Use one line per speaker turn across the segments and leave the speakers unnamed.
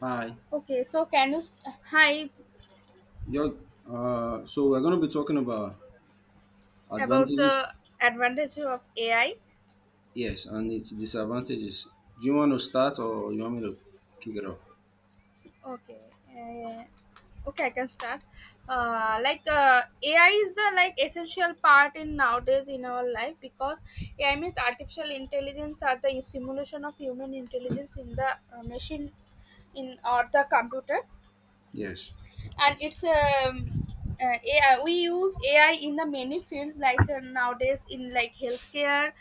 Hi.
Okay, so can you s- Hi,
You're, so we're going to be talking about
about
advantages,
the advantage of AI?
yes, and its disadvantages. Do you want to start or you want me to kick it off?
Okay, uh, okay, I can start. AI is the like essential part in nowadays in our life because AI means artificial intelligence are the simulation of human intelligence in the machine in or the computer,
Yes,
and it's AI. We use AI in the many fields like nowadays in like healthcare,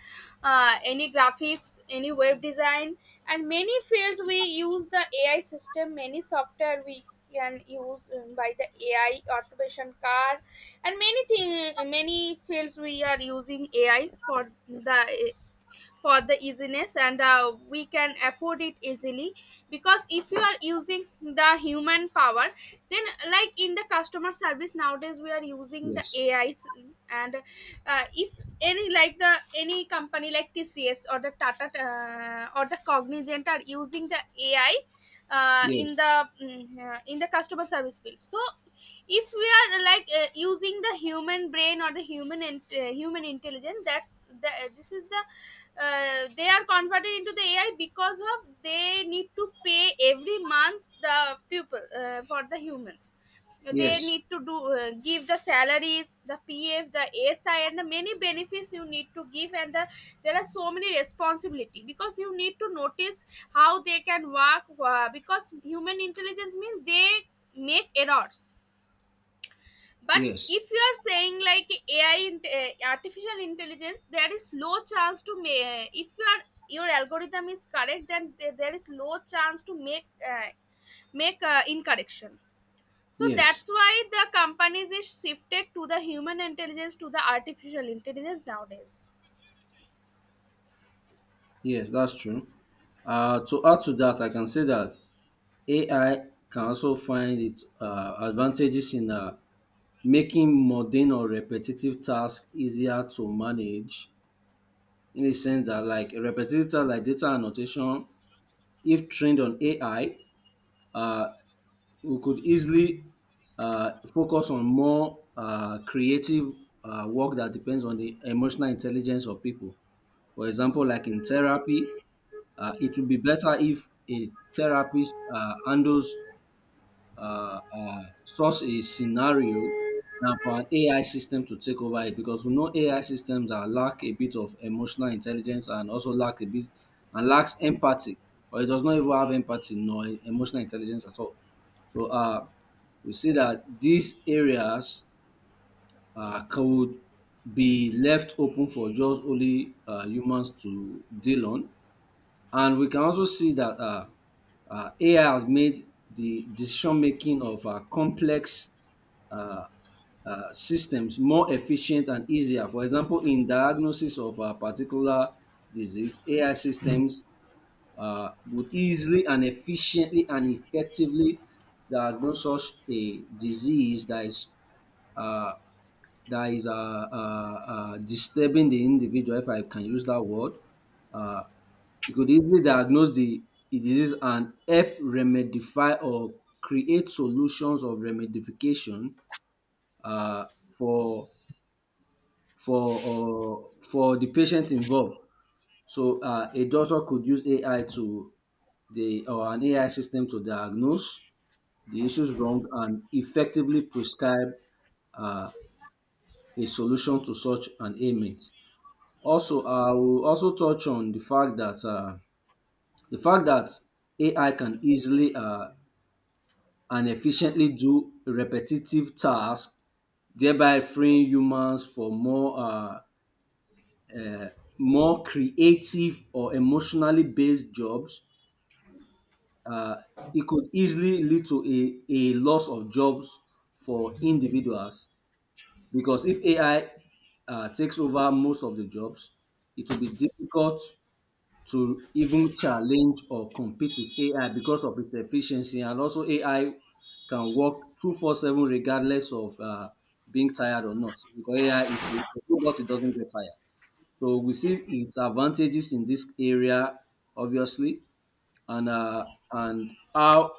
any graphics, any web design, and many fields we use the AI system. Many software we can use by the AI automation car, and many thing, many fields we are using AI for the easiness, and we can afford it easily because if you are using the human power, then like in the customer service nowadays we are using the
yes,
ais, and if any like the any company like tcs or the tata or the cognizant are using the ai uh,
yes,
in the mm, uh, in the customer service field, so if we are like using the human brain or the human intelligence, that's the, this is the they are converted into the ai because of they need to pay every month the people for the humans, they
yes,
need to do give the salaries, the pf, the asi, and the many benefits you need to give, and there are so many responsibility because you need to notice how they can work, because human intelligence means they make errors. But
yes,
if you are saying like AI, artificial intelligence, there is low chance to make. If your algorithm is correct, then there is low chance to uh, make incorrection. So
yes,
that's why the companies is shifted to the human intelligence to the artificial intelligence nowadays.
yes, that's true. To add to that, I can say that AI can also find its advantages in making mundane or repetitive tasks easier to manage, in the sense that like a repetitive task like data annotation, if trained on AI, uh, we could easily focus on more creative work that depends on the emotional intelligence of people. For example, like in therapy, it would be better if a therapist handles such a scenario and for an AI system to take over it, because we know AI systems are lack a bit of emotional intelligence and also lack a bit and lacks empathy, or it does not even have empathy nor emotional intelligence at all. So, we see that these areas could be left open for just only humans to deal on. And we can also see that AI has made the decision making of complex uh, systems more efficient and easier. For example, in diagnosis of a particular disease, AI systems would easily and efficiently and effectively diagnose such a disease that is uh, that is uh, disturbing the individual, if I can use that word. Uh, it could easily diagnose the disease and help remedify or create solutions of remedification uh, for for the patient involved. So, a doctor could use AI to the or an AI system to diagnose the issues wrong and effectively prescribe a solution to such an ailment. Also, I will also touch on the fact that AI can easily and efficiently do repetitive tasks, thereby freeing humans for more creative or emotionally based jobs. It could easily lead to a loss of jobs for individuals, because if AI takes over most of the jobs, it will be difficult to even challenge or compete with AI because of its efficiency. And also AI can work 24/7 regardless of being tired or not, because AI, it's a robot, it doesn't get tired. So we see its advantages in this area, obviously, and and how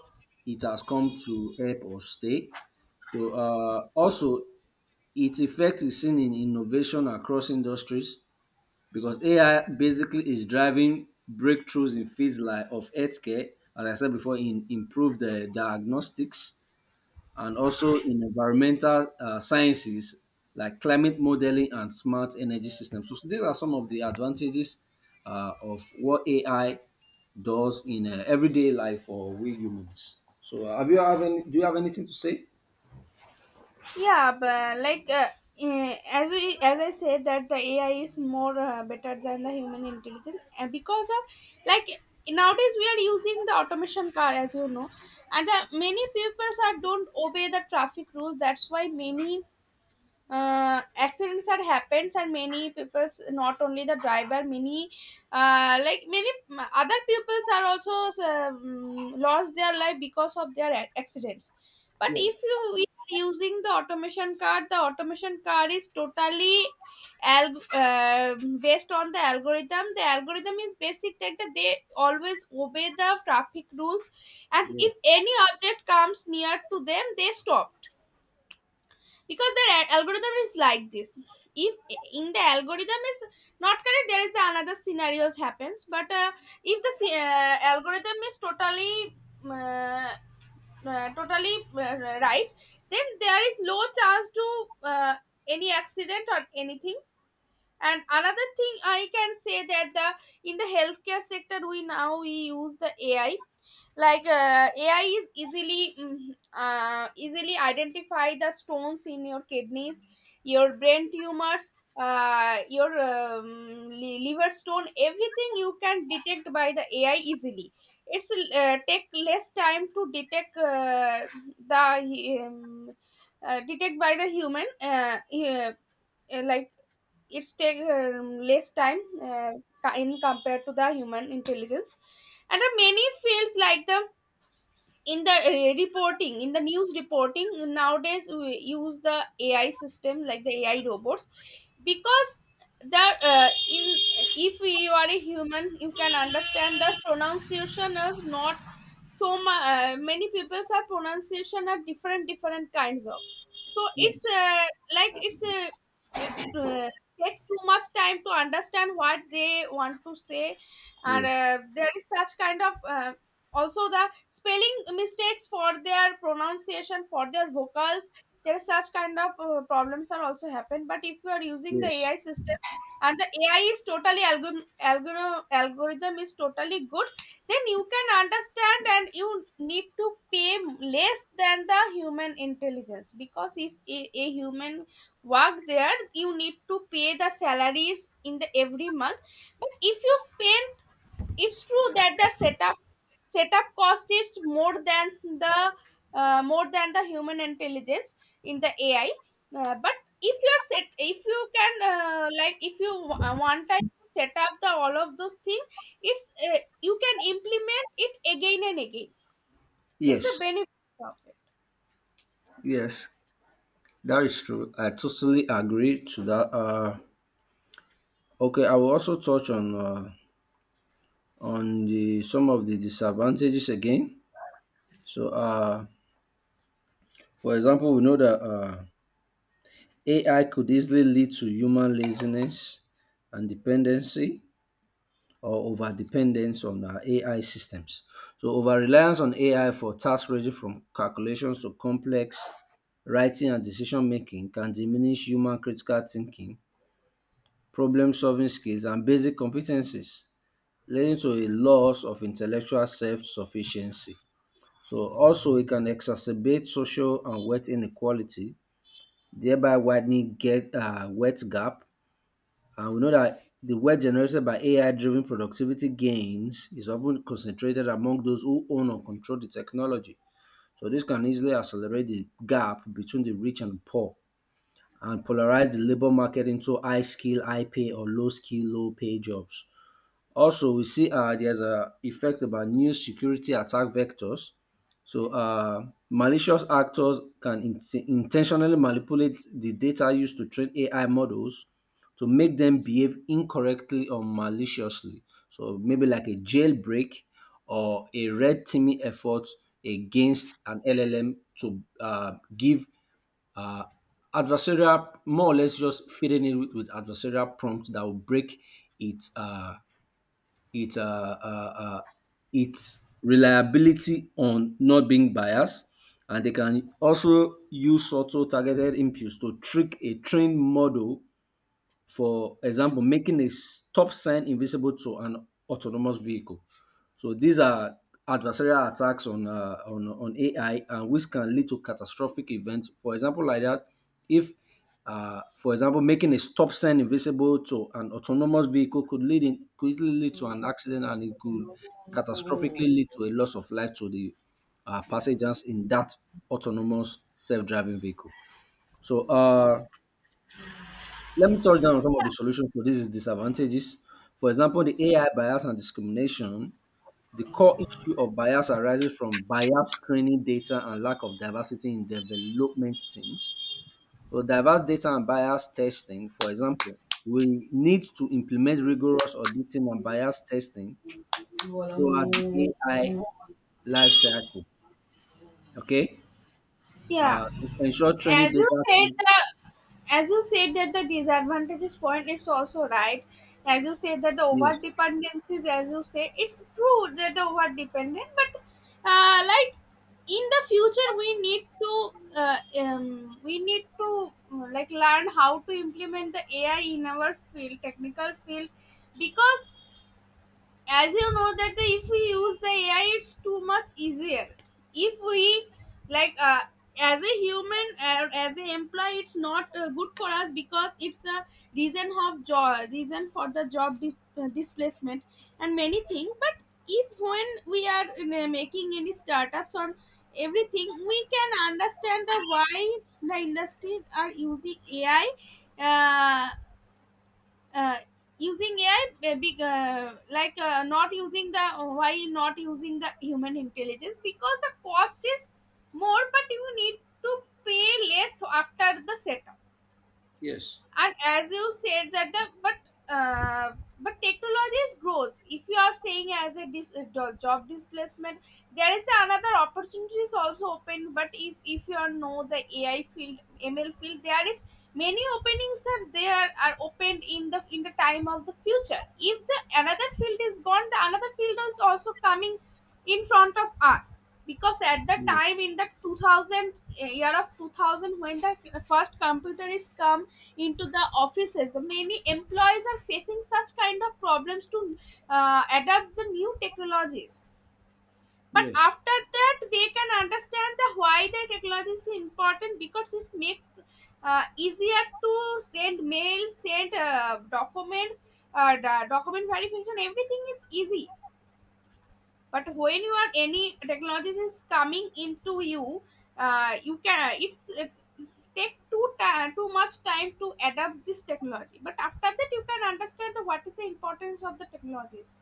it has come to help us stay. So, also, its effect is seen in innovation across industries, because AI basically is driving breakthroughs in fields like of healthcare, as I said before, in improved diagnostics, and also in environmental sciences like climate modeling and smart energy systems. So these are some of the advantages of what AI does in everyday life for we humans. So, have you have any, do you have anything to say?
Yeah, but like as I said that the ai is more better than the human intelligence, and because of like nowadays we are using the automation car, as you know, and the many people are don't obey the traffic rules, that's why many accidents that happens, and many people's, not only the driver, many other peoples are also lost their life because of their accidents. But
Yes,
if you we are using the automation car, the automation car is totally al- uh, based on the algorithm. The algorithm is basic that they always obey the traffic rules, and
yes,
if any object comes near to them they stop, because the algorithm is like this. If in the algorithm is not correct, there is the another scenarios happens, but if the algorithm is totally uh, right, then there is low chance to uh, any accident or anything. And another thing I can say that the in the healthcare sector, we now we use the ai, like ai is easily identify the stones in your kidneys, your brain tumors, your liver stone. Everything you can detect by the ai easily. It's take less time to detect, the detect by the human, uh, like it's take less time in compared to the human intelligence. And the many fields like the in the reporting, in the news reporting nowadays we use the ai system, like the ai robots, because the in if you are a human you can understand the pronunciation is not many people's are pronunciation are different kinds of, so it's
yes.
like it takes too much time to understand what they want to say, and
Yes.
there is such kind of also the spelling mistakes for their pronunciation, for their vocals, there is such kind of problems are also happen. But if you are using the
Yes.
ai system, and the ai is totally algorithm is totally good, then you can understand, and you need to pay less than the human intelligence, because if a human work there, you need to pay the salaries in the every month. But if you spend it's true that the setup cost is more than the more than the human intelligence in the ai. But if you can if you one time set up the all of those things, it's uh, you can implement it again and again. It's the
Yes.
benefit
Yes. That is true. I totally agree to that. Okay, I will also touch on on the some of the disadvantages again. So, for example, we know that AI could easily lead to human laziness and dependency, or over dependence on AI systems. So, over reliance on AI for tasks ranging from calculations to complex writing and decision making can diminish human critical thinking, problem solving skills and basic competencies, leading to a loss of intellectual self-sufficiency. So also it can exacerbate social and wealth inequality, thereby widening get wealth gap. And we know that the wealth generated by AI-driven productivity gains is often concentrated among those who own or control the technology. So this can easily accelerate the gap between the rich and poor, and polarize the labor market into high skill, high pay or low skill, low pay jobs. Also, we see there's a effect about new security attack vectors. So, malicious actors can intentionally manipulate the data used to train AI models to make them behave incorrectly or maliciously. So maybe like a jailbreak or a red teaming effort against an LLM to give uh, adversarial, more or less just feeding it with adversarial prompts that will break its uh, its uh, uh, uh, its reliability on not being biased. And they can also use subtle targeted impulse to trick a trained model, for example, making a stop sign invisible to an autonomous vehicle. So these are adversarial attacks on AI, and which can lead to catastrophic events. For example, like that, if for example, making a stop sign invisible to an autonomous vehicle could easily lead to an accident, and it could catastrophically lead to a loss of life to the passengers in that autonomous self-driving vehicle. So, let me touch down on some of the solutions to these disadvantages. For example, the AI bias and discrimination. The core issue of bias arises from biased training data and lack of diversity in development teams. So, diverse data and bias testing, for example, we need to implement rigorous auditing and bias testing throughout the AI
of
life cycle. Okay,
it. Yeah,
to ensure
as
training
you
data.
said the as you said that the disadvantages point, it's also right. As you said that the over
Yes,
dependencies, as you say, it's true that the over dependent, but uh, like in the future, we need to learn how to implement the ai in our field, technical field, because as you know that if we use the ai it's too much easier. If we like As a human, as a employee, it's not good for us, because it's a reason of job, reason for the job displacement, and many things, but if when we are making any startups or everything, we can understand the why the industry are using ai, uh, uh, using AI, big, like not using, the why not using the human intelligence, because the cost is more, but you need to pay less after the setup.
yes,
And as you said that the uh, but technology is grows. If you are saying as a job displacement, there is the another opportunities also open. But if you are know the ai field, ml field, there is many openings are there are opened in the time of the future. If the another field is gone, the another field is also coming in front of us, because at the
yes,
time in the 2000, year of 2000, when the first computer is come into the offices. Many employees are facing such kind of problems to adapt the new technologies. But
yes,
after that, they can understand the why the technology is important, because it makes easier to send mail, send documents, the document verification. Everything is easy. But when you are any technologies is coming into you, you can it's it take too much time to adapt this technology, but after that you can understand what is the importance of the technologies.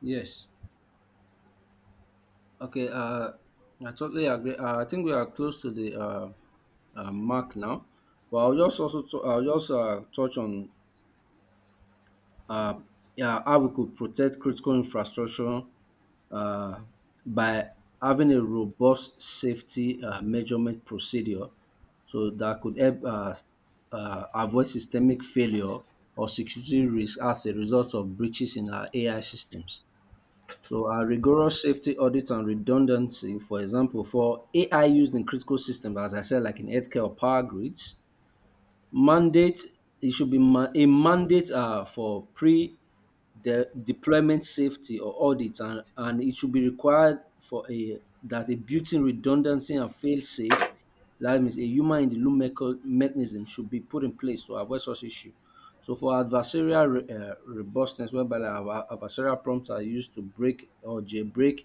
yes. Okay, I totally agree. I think we are close to the mark now, but I'll just touch on, uh, yeah, how we could protect critical infrastructure uh, by having a robust safety measurement procedure, so that could help avoid systemic failure or security risk as a result of breaches in our AI systems. So our rigorous safety audits and redundancy, for example, for AI used in critical systems, as I said, like in healthcare or power grids, mandate it should be ma- a mandate for deployment safety or audit, and it should be required for a, that a built-in redundancy and fail-safe, that means a human in the loop mechanism should be put in place to avoid such issue. So for adversarial robustness, whereby like our adversarial prompts are used to break or jailbreak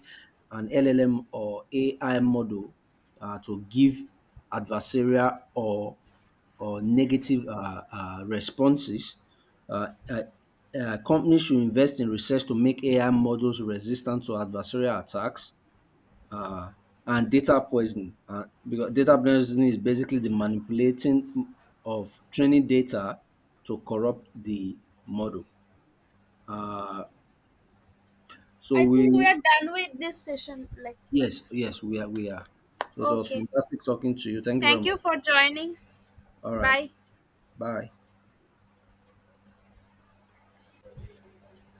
an LLM or AI model to give adversarial or negative responses. Uh, uh, Companies should invest in research to make AI models resistant to adversarial attacks, uh, and data poisoning. Because data poisoning is basically the manipulating of training data to corrupt the model. Uh, so
I think we
we,
are done with this session. Like,
yes, yes, we are, we are. So it was
okay,
fantastic talking to you. Thank you very
thank you
much.
for joining.
All right,
Bye.
bye.